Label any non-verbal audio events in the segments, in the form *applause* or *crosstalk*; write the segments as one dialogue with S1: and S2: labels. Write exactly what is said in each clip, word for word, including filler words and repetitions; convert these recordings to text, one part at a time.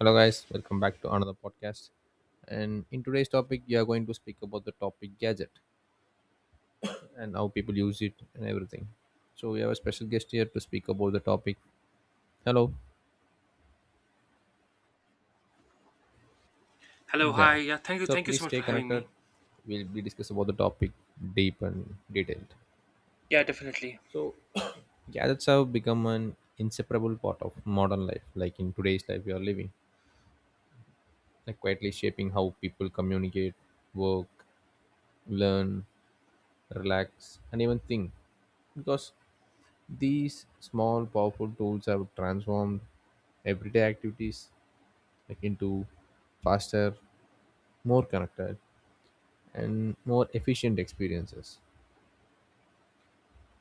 S1: Hello, guys. Welcome back to another podcast. And in today's topic, we are going to speak about the topic gadget and how people use it and everything. So we have a special guest here to speak about the topic. Hello.
S2: Hello, hi.
S1: Yeah.
S2: Yeah, thank you.
S1: Sure.
S2: Thank you
S1: Please
S2: so much
S1: stay
S2: for having
S1: connected.
S2: me.
S1: We'll be discuss about the topic deep and detailed.
S2: Yeah, definitely.
S1: So *coughs* gadgets have become an inseparable part of modern life. Like in today's life, we are living, like quietly shaping how people communicate, work, learn, relax, and even think because these small, powerful tools have transformed everyday activities like into faster, more connected, and more efficient experiences,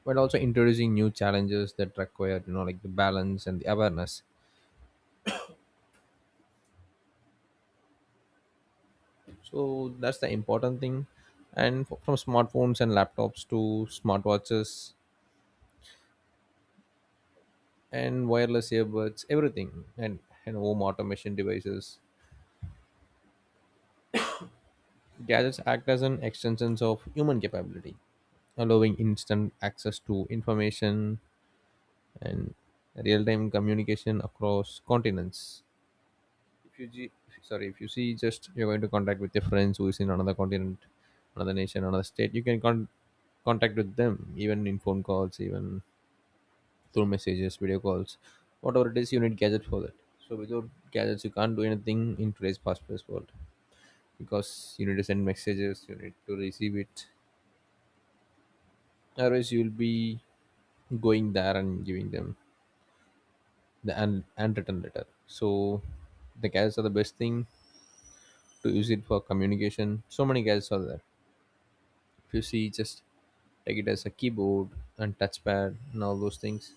S1: but also introducing new challenges that require you know like the balance and the awareness. So that's the important thing. And f- from smartphones and laptops to smartwatches and wireless earbuds, everything and and home automation devices. Gadgets act as an extensions of human capability, allowing instant access to information and real-time communication across continents. If you ge- sorry, if you see, just you're going to contact with your friends who is in another continent, another nation, another state, you can con- contact with them, even in phone calls, even through messages, video calls, whatever it is. You need gadgets for that. So without gadgets, you can't do anything in today's fast-paced world, because you need to send messages, you need to receive it, otherwise you'll be going there and giving them the un- unwritten letter. So the guys are the best thing to use it for communication. So many guys are there. If you see, just take it as a keyboard and touchpad and all those things.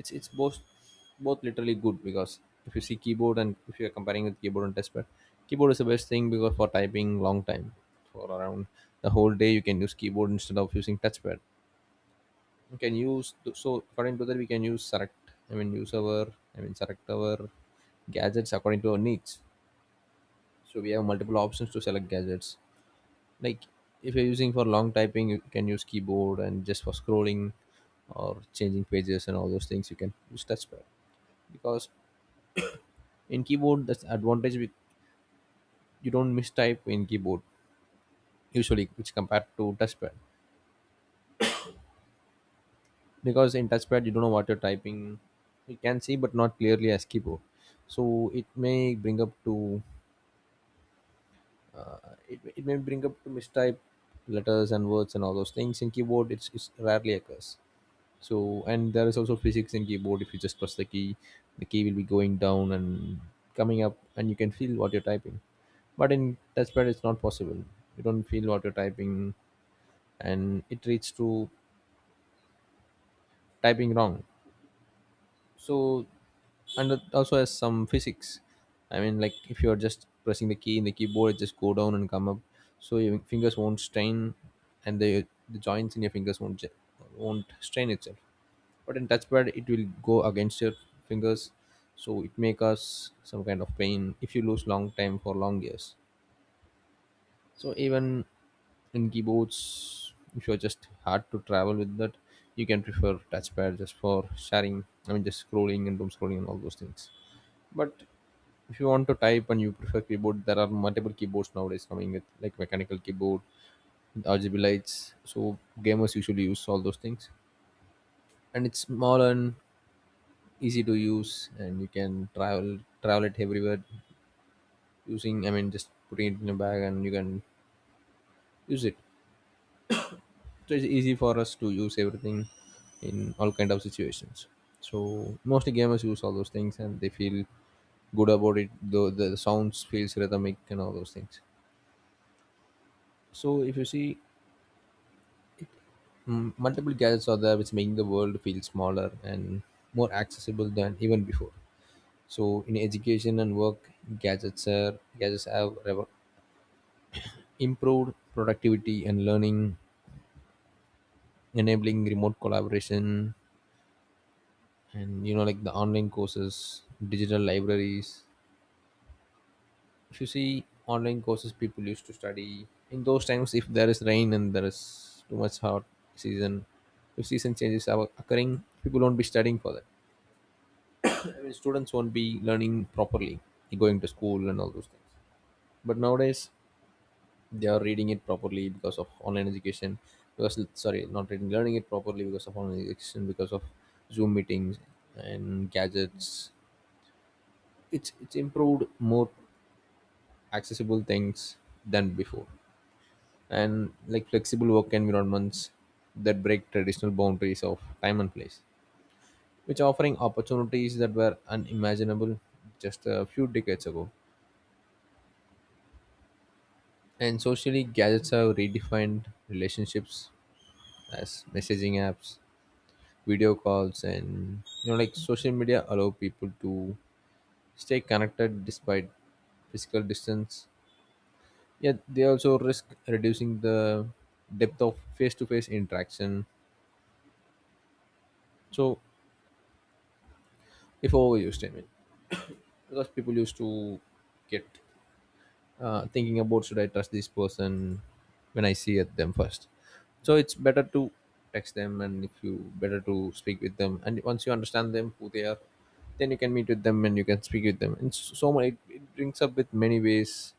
S1: It's it's both, both literally good, because if you see keyboard, and if you're comparing with keyboard and touchpad, keyboard is the best thing, because for typing long time, for around the whole day, you can use keyboard instead of using touchpad. We can use. So according to that, we can use, select I mean use our, i mean select our gadgets according to our needs. So we have multiple options to select gadgets. Like, if you're using for long typing, you can use keyboard, and just for scrolling or changing pages and all those things, you can use touchpad. Because in keyboard, that's advantage with, you don't mistype in keyboard usually, which compared to touchpad. Because in touchpad, you don't know what you're typing. You can see, but not clearly as keyboard. So it may bring up to uh, it, it may bring up to mistype letters and words and all those things. In keyboard, it's, it's rarely occurs. So, and there is also physics in keyboard. If you just press the key, the key will be going down and coming up, and you can feel what you're typing. But in touchpad, it's not possible. You don't feel what you're typing, and it leads to typing wrong. So, and it also has some physics. I mean, like, if you're just pressing the key in the keyboard, it just go down and come up. So your fingers won't strain, and the the joints in your fingers won't j- won't strain itself. But in touchpad, it will go against your fingers. So it may cause some kind of pain if you lose long time for long years. So even in keyboards, if you're just hard to travel with that, you can prefer touchpad just for sharing. I mean, just scrolling and doom scrolling and all those things. But if you want to type and you prefer keyboard, there are multiple keyboards nowadays coming with like mechanical keyboard with R G B lights. So gamers usually use all those things, and it's small and easy to use, and you can travel travel it everywhere using. I mean, just putting it in a bag and you can use it. So it's easy for us to use everything in all kind of situations. So mostly gamers use all those things, and they feel good about it, though the sounds feels rhythmic and all those things. So if you see, mm, multiple gadgets are there which making the world feel smaller and more accessible than even before. So in education and work, gadgets are gadgets have revo- improved productivity and learning, enabling remote collaboration and you know like the online courses, digital libraries. If you see online courses, people used to study. In those times, if there is rain and there is too much hot season, if season changes are occurring, people won't be studying for that. I mean, students won't be learning properly, going to school and all those things. But nowadays, they are reading it properly because of online education. Because sorry not reading Learning it properly because of online education, because of Zoom meetings and gadgets. It's it's improved more accessible things than before. And like flexible work environments that break traditional boundaries of time and place, which offering opportunities that were unimaginable just a few decades ago. And socially, gadgets have redefined relationships, as messaging apps, video calls, and you know like social media allow people to stay connected despite physical distance. Yet they also risk reducing the depth of face-to-face interaction. So if overused, I mean, because people used to get uh, thinking about, should I trust this person when I see at them first. So it's better to text them, and if you, better to speak with them. And once you understand them, who they are, then you can meet with them and you can speak with them. And s- so much it, it brings up with many ways.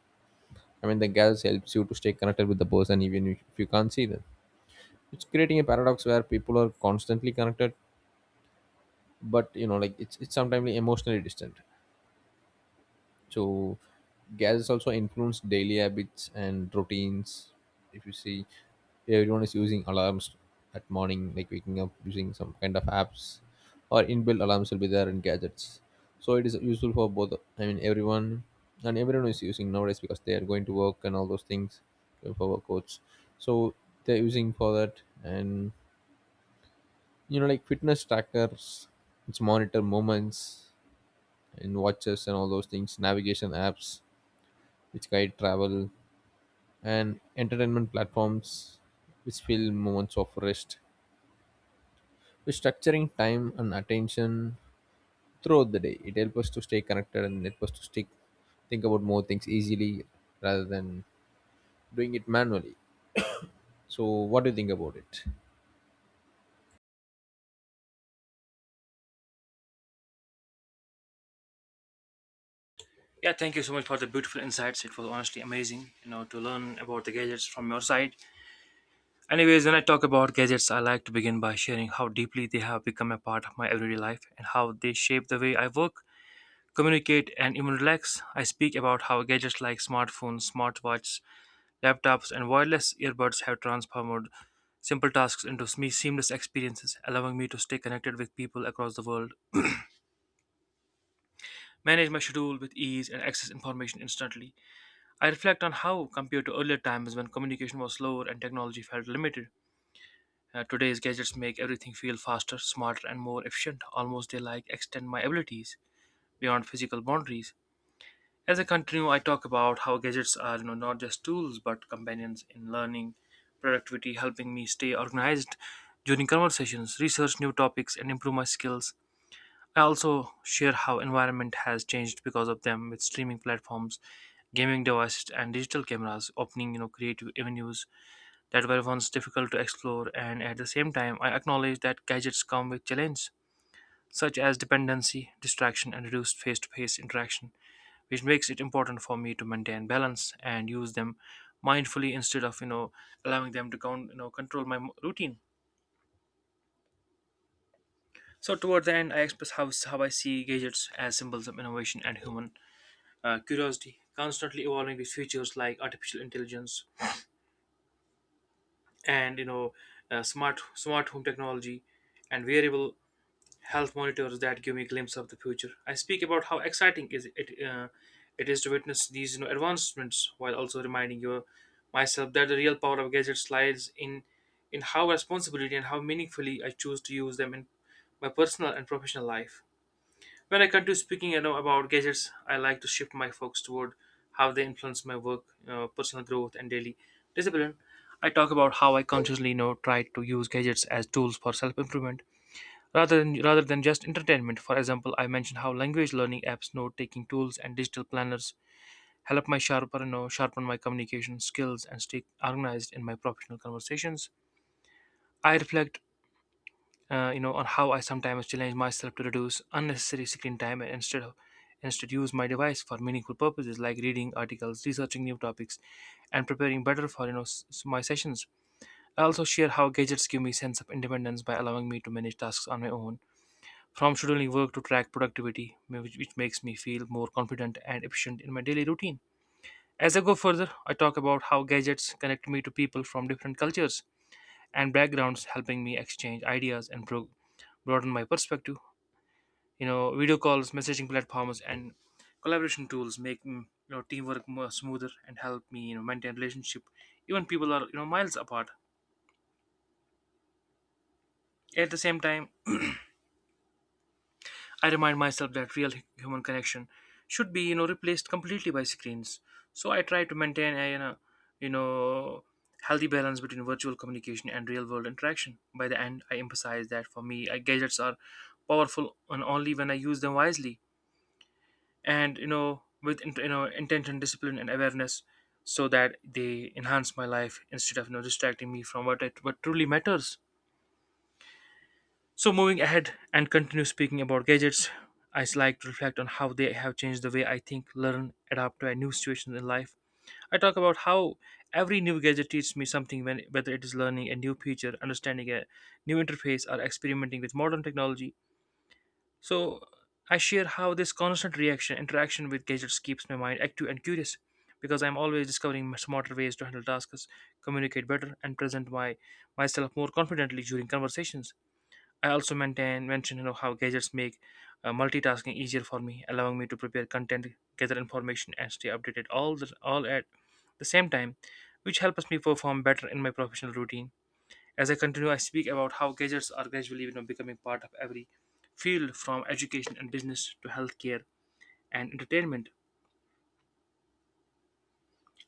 S1: I mean, the girls helps you to stay connected with the person, even if if you can't see them. It's creating a paradox where people are constantly connected, but you know like it's, it's sometimes emotionally distant. So gadgets also influence daily habits and routines. If you see, everyone is using alarms at morning, like waking up using some kind of apps, or inbuilt alarms will be there in gadgets. So it is useful for both, I mean everyone, and everyone is using nowadays because they are going to work and all those things, going for workouts. So they're using for that. And you know like fitness trackers, which monitor movements, and watches and all those things, navigation apps which guide travel, and entertainment platforms which fill moments of rest. With structuring time and attention throughout the day, it helps us to stay connected and helps us to stick, think about more things easily, rather than doing it manually. So what do you think about it?
S2: Yeah, thank you so much for the beautiful insights. It was honestly amazing, you know, to learn about the gadgets from your side. Anyways, when I talk about gadgets, I like to begin by sharing how deeply they have become a part of my everyday life and how they shape the way I work, communicate, and even relax. I speak about how gadgets like smartphones, smartwatches, laptops, and wireless earbuds have transformed simple tasks into sme- seamless experiences, allowing me to stay connected with people across the world, manage my schedule with ease, and access information instantly. I reflect on how, compared to earlier times when communication was slower and technology felt limited, uh, today's gadgets make everything feel faster, smarter, and more efficient. Almost they like extend my abilities beyond physical boundaries. As I continue, I talk about how gadgets are, you know, not just tools but companions in learning, productivity, helping me stay organized during conversations, research new topics, and improve my skills. I also share how environment has changed because of them, with streaming platforms, gaming devices and digital cameras opening you know creative avenues that were once difficult to explore. And at the same time, I acknowledge that gadgets come with challenges such as dependency, distraction and reduced face-to-face interaction, which makes it important for me to maintain balance and use them mindfully instead of, you know allowing them to con- you know control my mo- routine. So toward the end I express how, how I see gadgets as symbols of innovation and human uh, curiosity, constantly evolving with features like artificial intelligence and, you know uh, smart smart home technology and wearable health monitors that give me a glimpse of the future. I speak about how exciting is it, uh, it is to witness these, you know advancements, while also reminding your myself that the real power of gadgets lies in in how responsibility and how meaningfully I choose to use them in my personal and professional life. When I continue speaking, you know, about gadgets, I like to shift my focus toward how they influence my work, uh, personal growth, and daily discipline. I talk about how I consciously, you know, try to use gadgets as tools for self-improvement rather than rather than just entertainment. For example, I mentioned how language learning apps, note-taking tools, and digital planners help my sharper, you know, sharpen my communication skills and stay organized in my professional conversations. I reflect, uh, you know, on how I sometimes challenge myself to reduce unnecessary screen time, and instead of instead use my device for meaningful purposes like reading articles, researching new topics, and preparing better for, you know s- s- my sessions. I also share how gadgets give me sense of independence by allowing me to manage tasks on my own, from scheduling work to track productivity, ma- which, which makes me feel more confident and efficient in my daily routine. As I go further, I talk about how gadgets connect me to people from different cultures and backgrounds, helping me exchange ideas and pro- broaden my perspective. You know video calls, messaging platforms and collaboration tools make, mm, you know teamwork more smoother and help me, you know maintain relationship even people are, you know miles apart. At the same time, I remind myself that real hu- human connection should be, you know replaced completely by screens. So I try to maintain a, you know you know healthy balance between virtual communication and real world interaction. By the end I emphasize that for me, uh, gadgets are powerful and only when I use them wisely and, you know with int- you know intention, discipline and awareness, so that they enhance my life instead of, you know distracting me from what it what truly matters. So moving ahead and continue speaking about gadgets, I s- like to reflect on how they have changed the way I think, learn, adapt to a new situation in life. I talk about how every new gadget teaches me something when, whether it is learning a new feature, understanding a new interface or experimenting with modern technology. So I share how this constant reaction interaction with gadgets keeps my mind active and curious, because I'm always discovering smarter ways to handle tasks, communicate better, and present my myself more confidently during conversations. I also maintain mention, you know, how gadgets make, uh, multitasking easier for me, allowing me to prepare content, gather information, and stay updated all the, all at the same time, which helps me perform better in my professional routine. As I continue, I speak about how gadgets are gradually, you know, becoming part of every field, from education and business to healthcare and entertainment,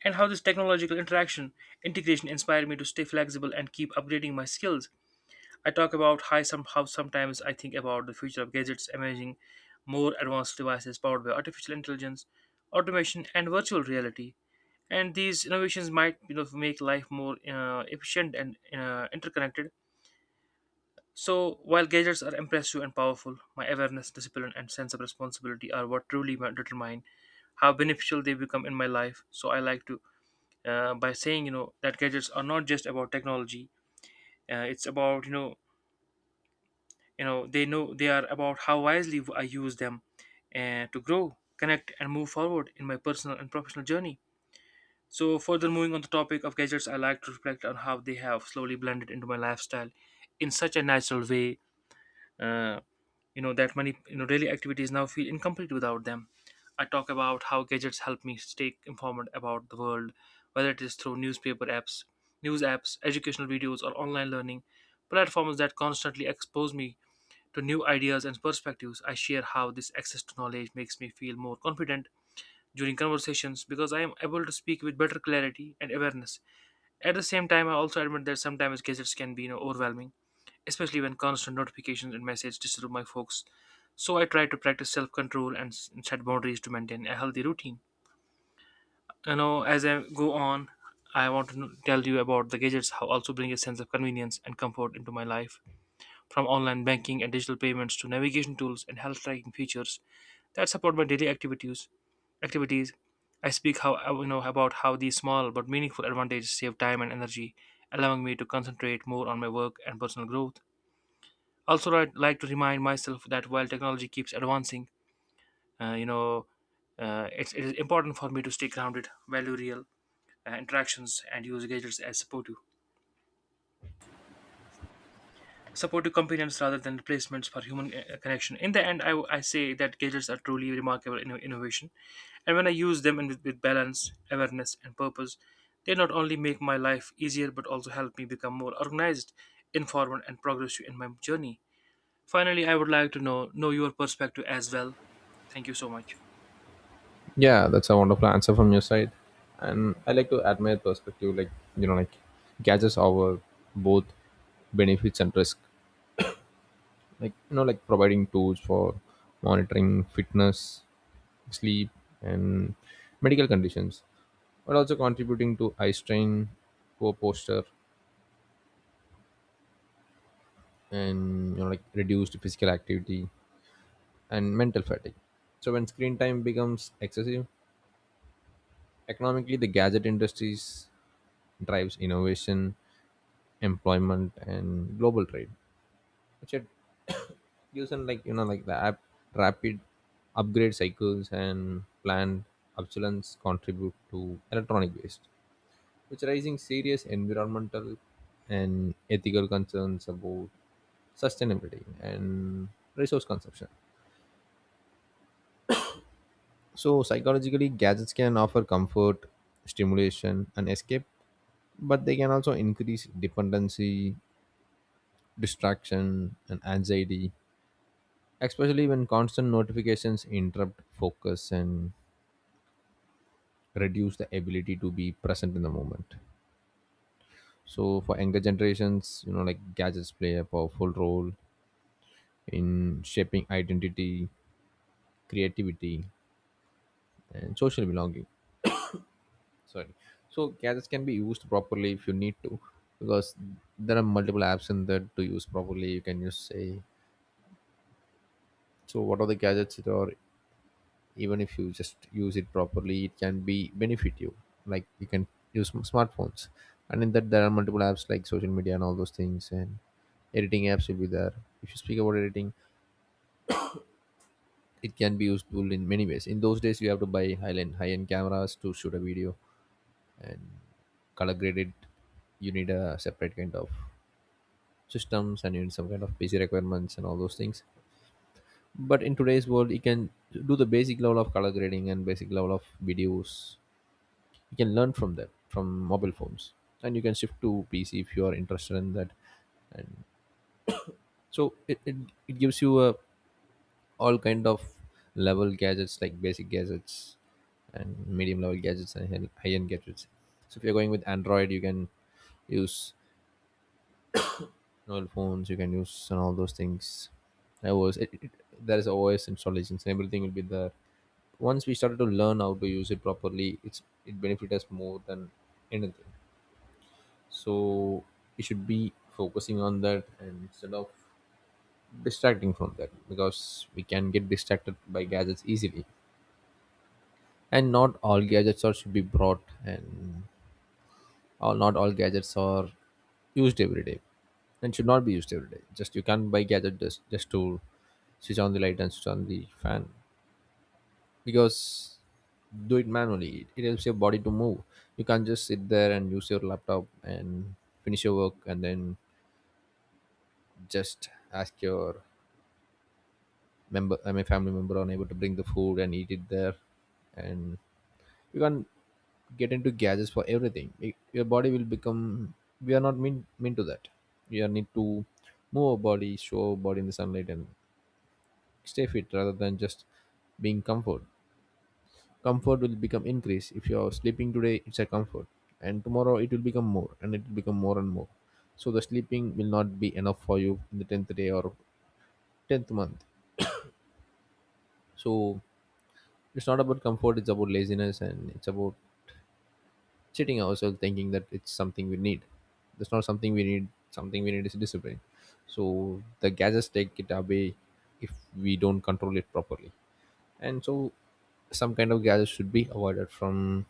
S2: and how this technological interaction integration inspired me to stay flexible and keep upgrading my skills. I talk about how, some, how sometimes I think about the future of gadgets emerging more advanced devices powered by artificial intelligence, automation, and virtual reality. And these innovations might, you know, make life more, uh, efficient and, uh, interconnected. So, while gadgets are impressive and powerful, my awareness, discipline, and sense of responsibility are what truly ma- determine how beneficial they become in my life. So, I like to, uh, by saying, you know, that gadgets are not just about technology. Uh, it's about, you know, you know, they know they are about how wisely I use them, and to grow, connect, and move forward in my personal and professional journey. So, further moving on the topic of gadgets, I like to reflect on how they have slowly blended into my lifestyle in such a natural way. uh, you know that many, you know daily activities now feel incomplete without them. I talk about how gadgets help me stay informed about the world, whether it is through newspaper apps, news apps, educational videos or online learning platforms that constantly expose me to new ideas and perspectives. I share how this access to knowledge makes me feel more confident during conversations, because I am able to speak with better clarity and awareness. At the same time, I also admit that sometimes gadgets can be, you know, overwhelming, especially when constant notifications and messages disturb my focus. So I try to practice self-control and s- set boundaries to maintain a healthy routine. You know, as I go on, I want to kn- tell you about the gadgets how also bring a sense of convenience and comfort into my life, from online banking and digital payments to navigation tools and health tracking features that support my daily activities. Activities, I speak how, uh, you know about how these small but meaningful advantages save time and energy, allowing me to concentrate more on my work and personal growth. Also, I'd like to remind myself that while technology keeps advancing, uh, you know, uh, it's, it is important for me to stay grounded, value real, uh, interactions, and use gadgets as supportive, supportive companions rather than replacements for human, uh, connection. In the end, I, I say that gadgets are truly remarkable inno- innovation, and when I use them in, with, with balance, awareness, and purpose, they not only make my life easier but also help me become more organized, informed, and progressive in my journey. Finally, I would like to know know your perspective as well. Thank you so much.
S1: Yeah, that's a wonderful answer from your side. And I like to admire perspective, like you know, like gadgets over both benefits and risk. Like you know, like providing tools for monitoring fitness, sleep, and medical conditions, but also contributing to eye strain, poor posture, and you know, like reduced physical activity and mental fatigue. So when screen time becomes excessive, economically the gadget industries drives innovation, employment, and global trade, which had *coughs* using like you know like the app, rapid upgrade cycles and planned obsolescence contribute to electronic waste, which are raising serious environmental and ethical concerns about sustainability and resource consumption. So psychologically, gadgets can offer comfort, stimulation, and escape, but they can also increase dependency, distraction, and anxiety, especially when constant notifications interrupt focus and reduce the ability to be present in the moment. So for younger generations, you know like gadgets play a powerful role in shaping identity, creativity, and social belonging. Sorry. So gadgets can be used properly if you need to, because there are multiple apps in there to use properly, you can just say. So what are the gadgets that are, even if you just use it properly, it can be benefit you. Like, you can use m- smartphones, and in that there are multiple apps like social media and all those things, and editing apps will be there. If you speak about editing, it can be useful in many ways. In those days, you have to buy high-end high-end cameras to shoot a video and color grade it. You need a separate kind of systems, and you need some kind of PC requirements and all those things. But in today's world, you can do the basic level of color grading and basic level of videos. You can learn from them, from mobile phones, and you can shift to PC if you are interested in that. And so it, it, it gives you a all kind of level gadgets, like basic gadgets and medium level gadgets and high end gadgets. So if you're going with Android, you can use mobile phones, you can use and all those things. iOS, it, it, there is OS installations and everything will be there. Once we started to learn how to use it properly, it's, it benefits us more than anything. So we should be focusing on that, and instead of distracting from that, because we can get distracted by gadgets easily. And not all gadgets are should be brought and all not all gadgets are used every day and should not be used every day. Just you can't buy gadget just, just to switch on the light and switch on the fan. Because do it manually, it it helps your body to move. You can't just sit there and use your laptop and finish your work and then just ask your member uh, my family member unable to bring the food and eat it there. And you can't get into gadgets for everything. Y- your body will become, we are not mean mean to that. We are need to move our body, show our body in the sunlight and stay fit rather than just being comfort. Comfort will become increase. If you are sleeping today it's a comfort, and tomorrow it will become more, and it will become more and more. So the sleeping will not be enough for you in the tenth day or tenth month. So it's not about comfort, it's about laziness and it's about cheating ourselves thinking that it's something we need. That's not something we need, something we need is discipline. So the gadgets take it away if we don't control it properly. And so some kind of gadgets should be avoided from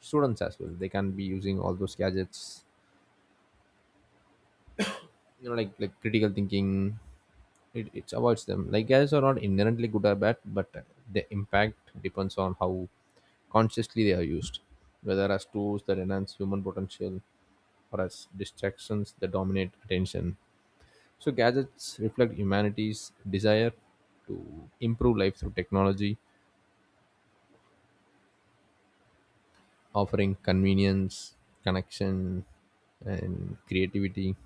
S1: students as well. They can't be using all those gadgets, you know, like like critical thinking, it, it avoids them. Like guys are not inherently good or bad, but the impact depends on how consciously they are used, whether as tools that enhance human potential or as distractions that dominate attention. So gadgets reflect humanity's desire to improve life through technology, offering convenience, connection, and creativity,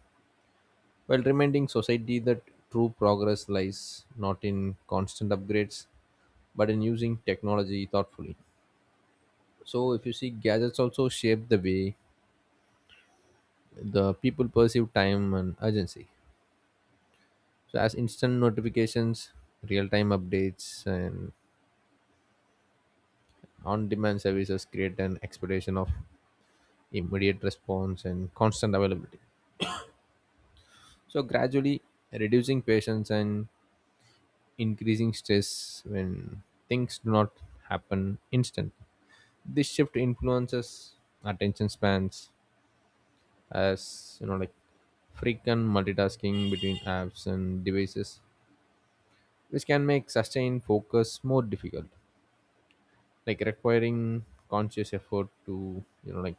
S1: while reminding society that true progress lies not in constant upgrades but in using technology thoughtfully. So, if you see, gadgets also shape the way the people perceive time and urgency. So, as instant notifications, real time updates, and on demand services create an expectation of immediate response and constant availability. So, gradually reducing patience and increasing stress when things do not happen instantly. This shift influences attention spans, as you know, like frequent multitasking between apps and devices, which can make sustained focus more difficult, like requiring conscious effort to, you know, like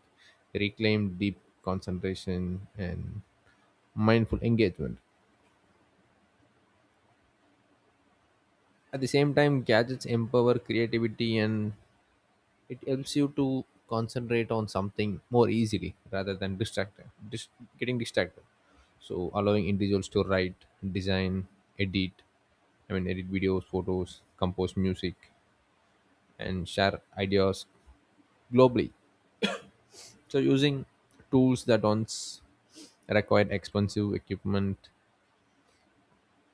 S1: reclaim deep concentration and mindful engagement. At the same time, gadgets empower creativity and it helps you to concentrate on something more easily rather than distracted, dis- getting distracted. So allowing individuals to write, design, edit, I mean edit videos, photos, compose music, and share ideas globally. So using tools that once required expensive equipment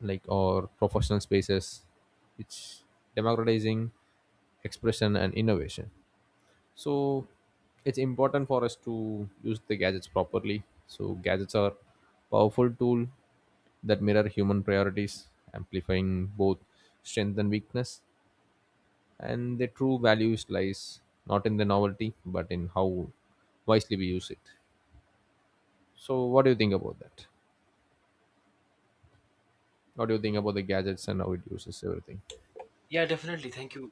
S1: like or professional spaces, it's democratizing expression and innovation. So it's important for us to use the gadgets properly. So gadgets are powerful tool that mirror human priorities, amplifying both strength and weakness, and their true values lies not in the novelty but in how wisely we use it. So what do you think about that? What do you think about the gadgets and how it uses everything?
S2: Yeah, definitely. Thank you.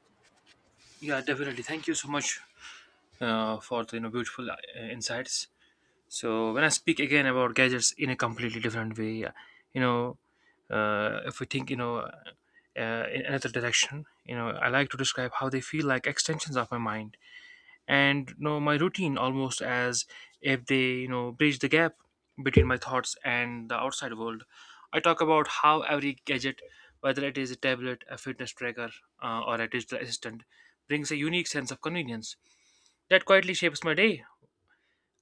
S2: Yeah, definitely. Thank you so much, uh, for the, you know beautiful, uh, insights. So when I speak again about gadgets in a completely different way, uh, you know, uh, if we think, you know uh, in another direction, you know, I like to describe how they feel like extensions of my mind and, you know my routine, almost as if they, you know bridge the gap between my thoughts and the outside world. I talk about how every gadget, whether it is a tablet, a fitness tracker, uh, or a digital assistant, brings a unique sense of convenience that quietly shapes my day.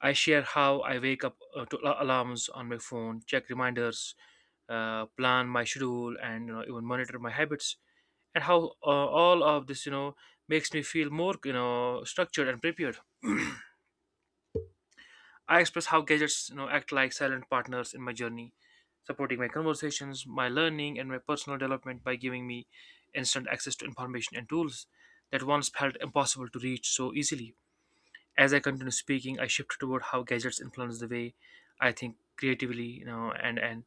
S2: I share how I wake up, uh, to al- alarms on my phone, check reminders, uh, plan my schedule and, you know, even monitor my habits, and how, uh, all of this, you know makes me feel more, you know structured and prepared. I express how gadgets, you know, act like silent partners in my journey, supporting my conversations, my learning, and my personal development by giving me instant access to information and tools that once felt impossible to reach so easily. As I continue speaking, I shift toward how gadgets influence the way I think creatively, you know, and and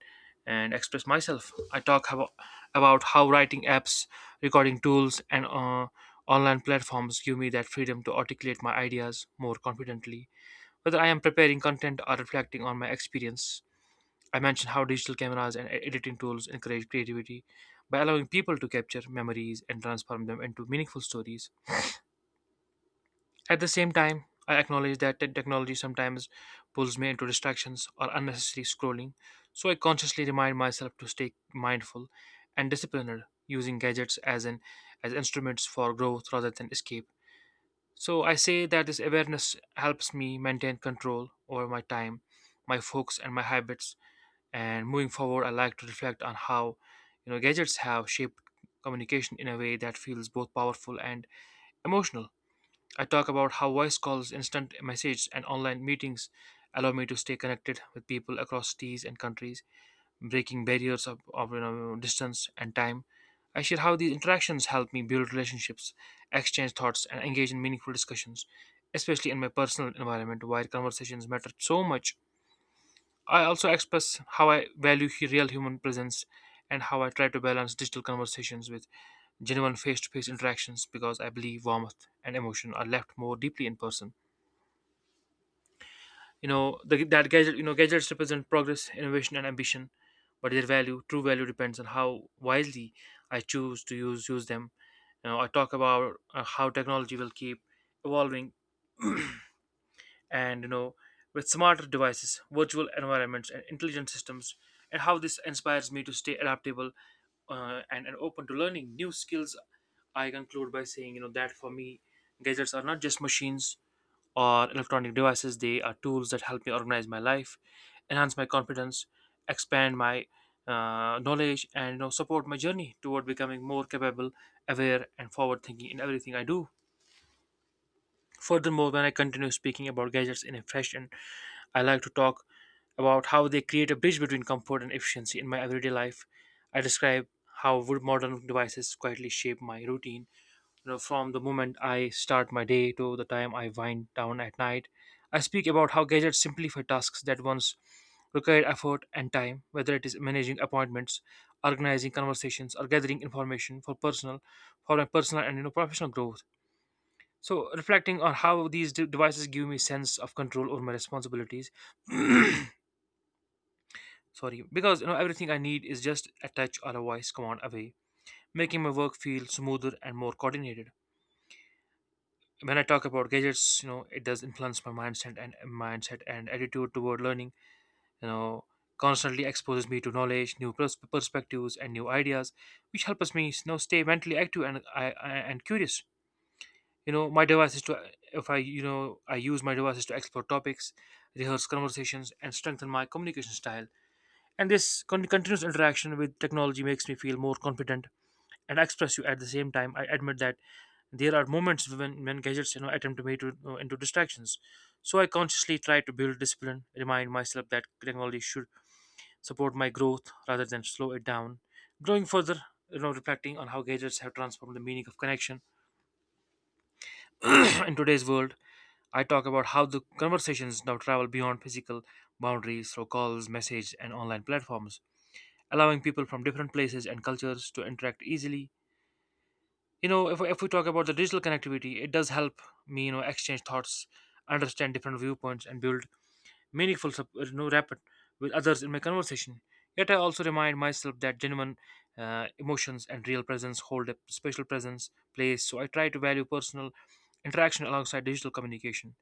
S2: and express myself. I talk about, about how writing apps, recording tools, and uh, online platforms give me that freedom to articulate my ideas more confidently whether I am preparing content or reflecting on my experience. I mentioned how digital cameras and e- editing tools encourage creativity by allowing people to capture memories and transform them into meaningful stories. At the same time, I acknowledge that te- technology sometimes pulls me into distractions or unnecessary scrolling, so I consciously remind myself to stay mindful and disciplined, using gadgets as an as instruments for growth rather than escape. So I say that this awareness helps me maintain control over my time, my focus, and my habits. And moving forward, I like to reflect on how you know gadgets have shaped communication in a way that feels both powerful and emotional. I talk about how voice calls, instant messages, and online meetings allow me to stay connected with people across cities and countries, breaking barriers of, of you know, distance and time. I share how these interactions help me build relationships, exchange thoughts, and engage in meaningful discussions, especially in my personal environment where conversations matter so much. I also express how I value hu- real human presence and how I try to balance digital conversations with genuine face to face interactions, because I believe warmth and emotion are left more deeply in person. You know the, that gadget you know Gadgets represent progress, innovation, and ambition, but their value, true value, depends on how wisely I choose to use use them. you know I talk about uh, how technology will keep evolving, and you know with smarter devices, virtual environments, and intelligent systems, and how this inspires me to stay adaptable uh, and, and open to learning new skills. I conclude by saying, you know that for me, gadgets are not just machines or electronic devices. They are tools that help me organize my life, enhance my confidence, expand my uh, knowledge, and you know, support my journey toward becoming more capable, aware, and forward thinking in everything I do. Furthermore, when I continue speaking about gadgets in a fresh and I like to talk about how they create a bridge between comfort and efficiency in my everyday life. I describe how would modern devices quietly shape my routine, you know, from the moment I start my day to the time I wind down at night. I speak about how gadgets simplify tasks that once required effort and time, whether it is managing appointments, organizing conversations, or gathering information for personal, for my personal and, you know, professional growth. So, reflecting on how these de- devices give me sense of control over my responsibilities. *coughs* *clears throat* Sorry, because you know everything I need is just a touch or a voice command away, making my work feel smoother and more coordinated. When I talk about gadgets, you know, it does influence my mindset and uh, mindset and attitude toward learning. You know, constantly exposes me to knowledge, new pers- perspectives, and new ideas, which helps me, you know, stay mentally active and I, I and curious. You know, my device is to If I you know I use my devices to explore topics, rehearse conversations, and strengthen my communication style. And this con- continuous interaction with technology makes me feel more confident and expressive at the same time. I admit that there are moments when, when gadgets, you know attempt to me to uh, into distractions. So I consciously try to build discipline, remind myself that technology should support my growth rather than slow it down. Going further, you know, reflecting on how gadgets have transformed the meaning of connection *clears throat* in today's world. I talk about how the conversations now travel beyond physical boundaries through calls, messages, and online platforms, allowing people from different places and cultures to interact easily. You know if, if we talk about the digital connectivity, it does help me, you know exchange thoughts, understand different viewpoints, and build meaningful sup- uh, you know rapport with others in my conversation. Yet I also remind myself that genuine uh, emotions and real presence hold a special presence place, so I try to value personal interaction alongside digital communication.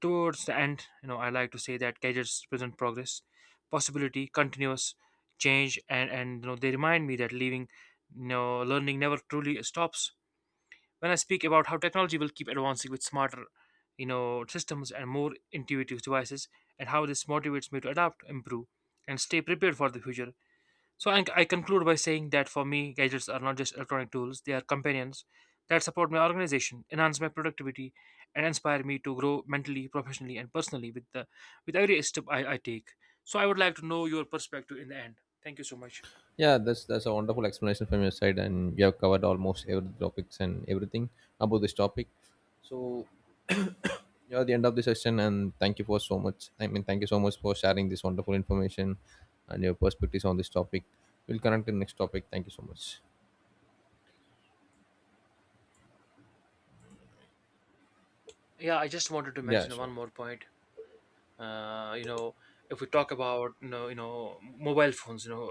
S2: Towards the end, you know I like to say that gadgets present progress, possibility, continuous change, and and you know they remind me that leaving you know learning never truly stops. When I speak about how technology will keep advancing with smarter, you know, systems and more intuitive devices, and how this motivates me to adapt, improve, and stay prepared for the future. So I, I conclude by saying that for me, gadgets are not just electronic tools; they are companions that support my organization, enhance my productivity, and inspire me to grow mentally, professionally, and personally with the, with every step I, I take. So I would like to know your perspective in the end. Thank you so much.
S1: Yeah, that's that's a wonderful explanation from your side and you have covered almost every topics and everything about this topic. So yeah, the end of the session and thank you for so much I mean thank you so much for sharing this wonderful information and your perspectives on this topic. We'll connect to the next topic. Thank you so much.
S2: Yeah, I just wanted to
S1: Yeah,
S2: mention
S1: sure.
S2: one more point. uh, you know if we talk about, you know, you know mobile phones, you know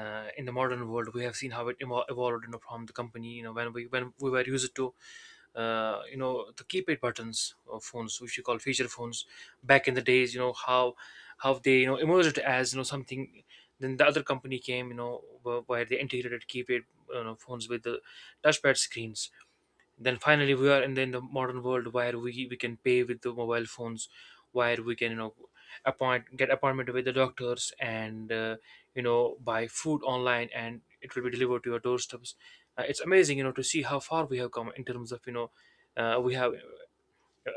S2: uh, in the modern world we have seen how it evol- evolved, you know from the company, you know when we when we were used to uh, you know the keypad buttons of phones which we call feature phones back in the days. You know how how they, you know emerged as, you know something. Then the other company came, you know wh- where they integrated keypad, you know, phones with the touchpad screens. Then finally we are in the, in the modern world where we, we can pay with the mobile phones, where we can, you know appoint get appointment with the doctors and uh, you know buy food online and it will be delivered to your doorsteps. Uh, it's amazing, you know to see how far we have come in terms of, you know uh, we have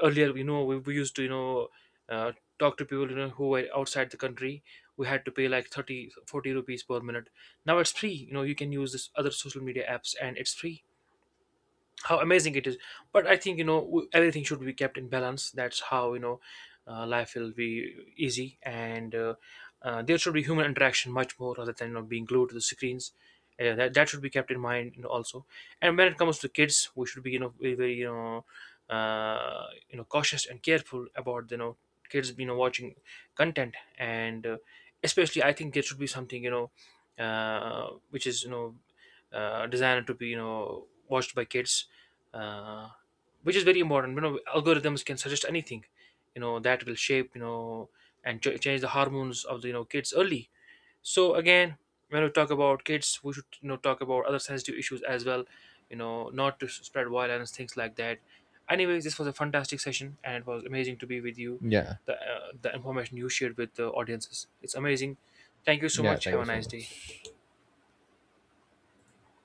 S2: earlier, you know we we used to, you know uh, talk to people, you know who were outside the country. We had to pay like thirty forty rupees per minute. Now it's free, you know you can use this other social media apps and it's free. How amazing it is. But I think, you know w- everything should be kept in balance. That's how, you know uh, life will be easy, and uh, uh, there should be human interaction much more rather than, you know, being glued to the screens. uh, that, that should be kept in mind, you know, also. And when it comes to kids we should be, you know very, very, you know uh, you know cautious and careful about, you know kids, you know watching content and uh, especially I think there should be something, you know uh, which is, you know uh, designed to be, you know watched by kids, uh, which is very important. You know algorithms can suggest anything, you know that will shape, you know and ch- change the hormones of the, you know kids early. So again, when we talk about kids we should, you know talk about other sensitive issues as well, you know not to spread violence, things like that. Anyways, this was a fantastic session and it was amazing to be with you.
S1: Yeah,
S2: The uh, the information you shared with the audiences, it's amazing. Thank you so
S1: yeah
S2: much.
S1: thank
S2: Have
S1: you
S2: a
S1: so
S2: nice day.
S1: much.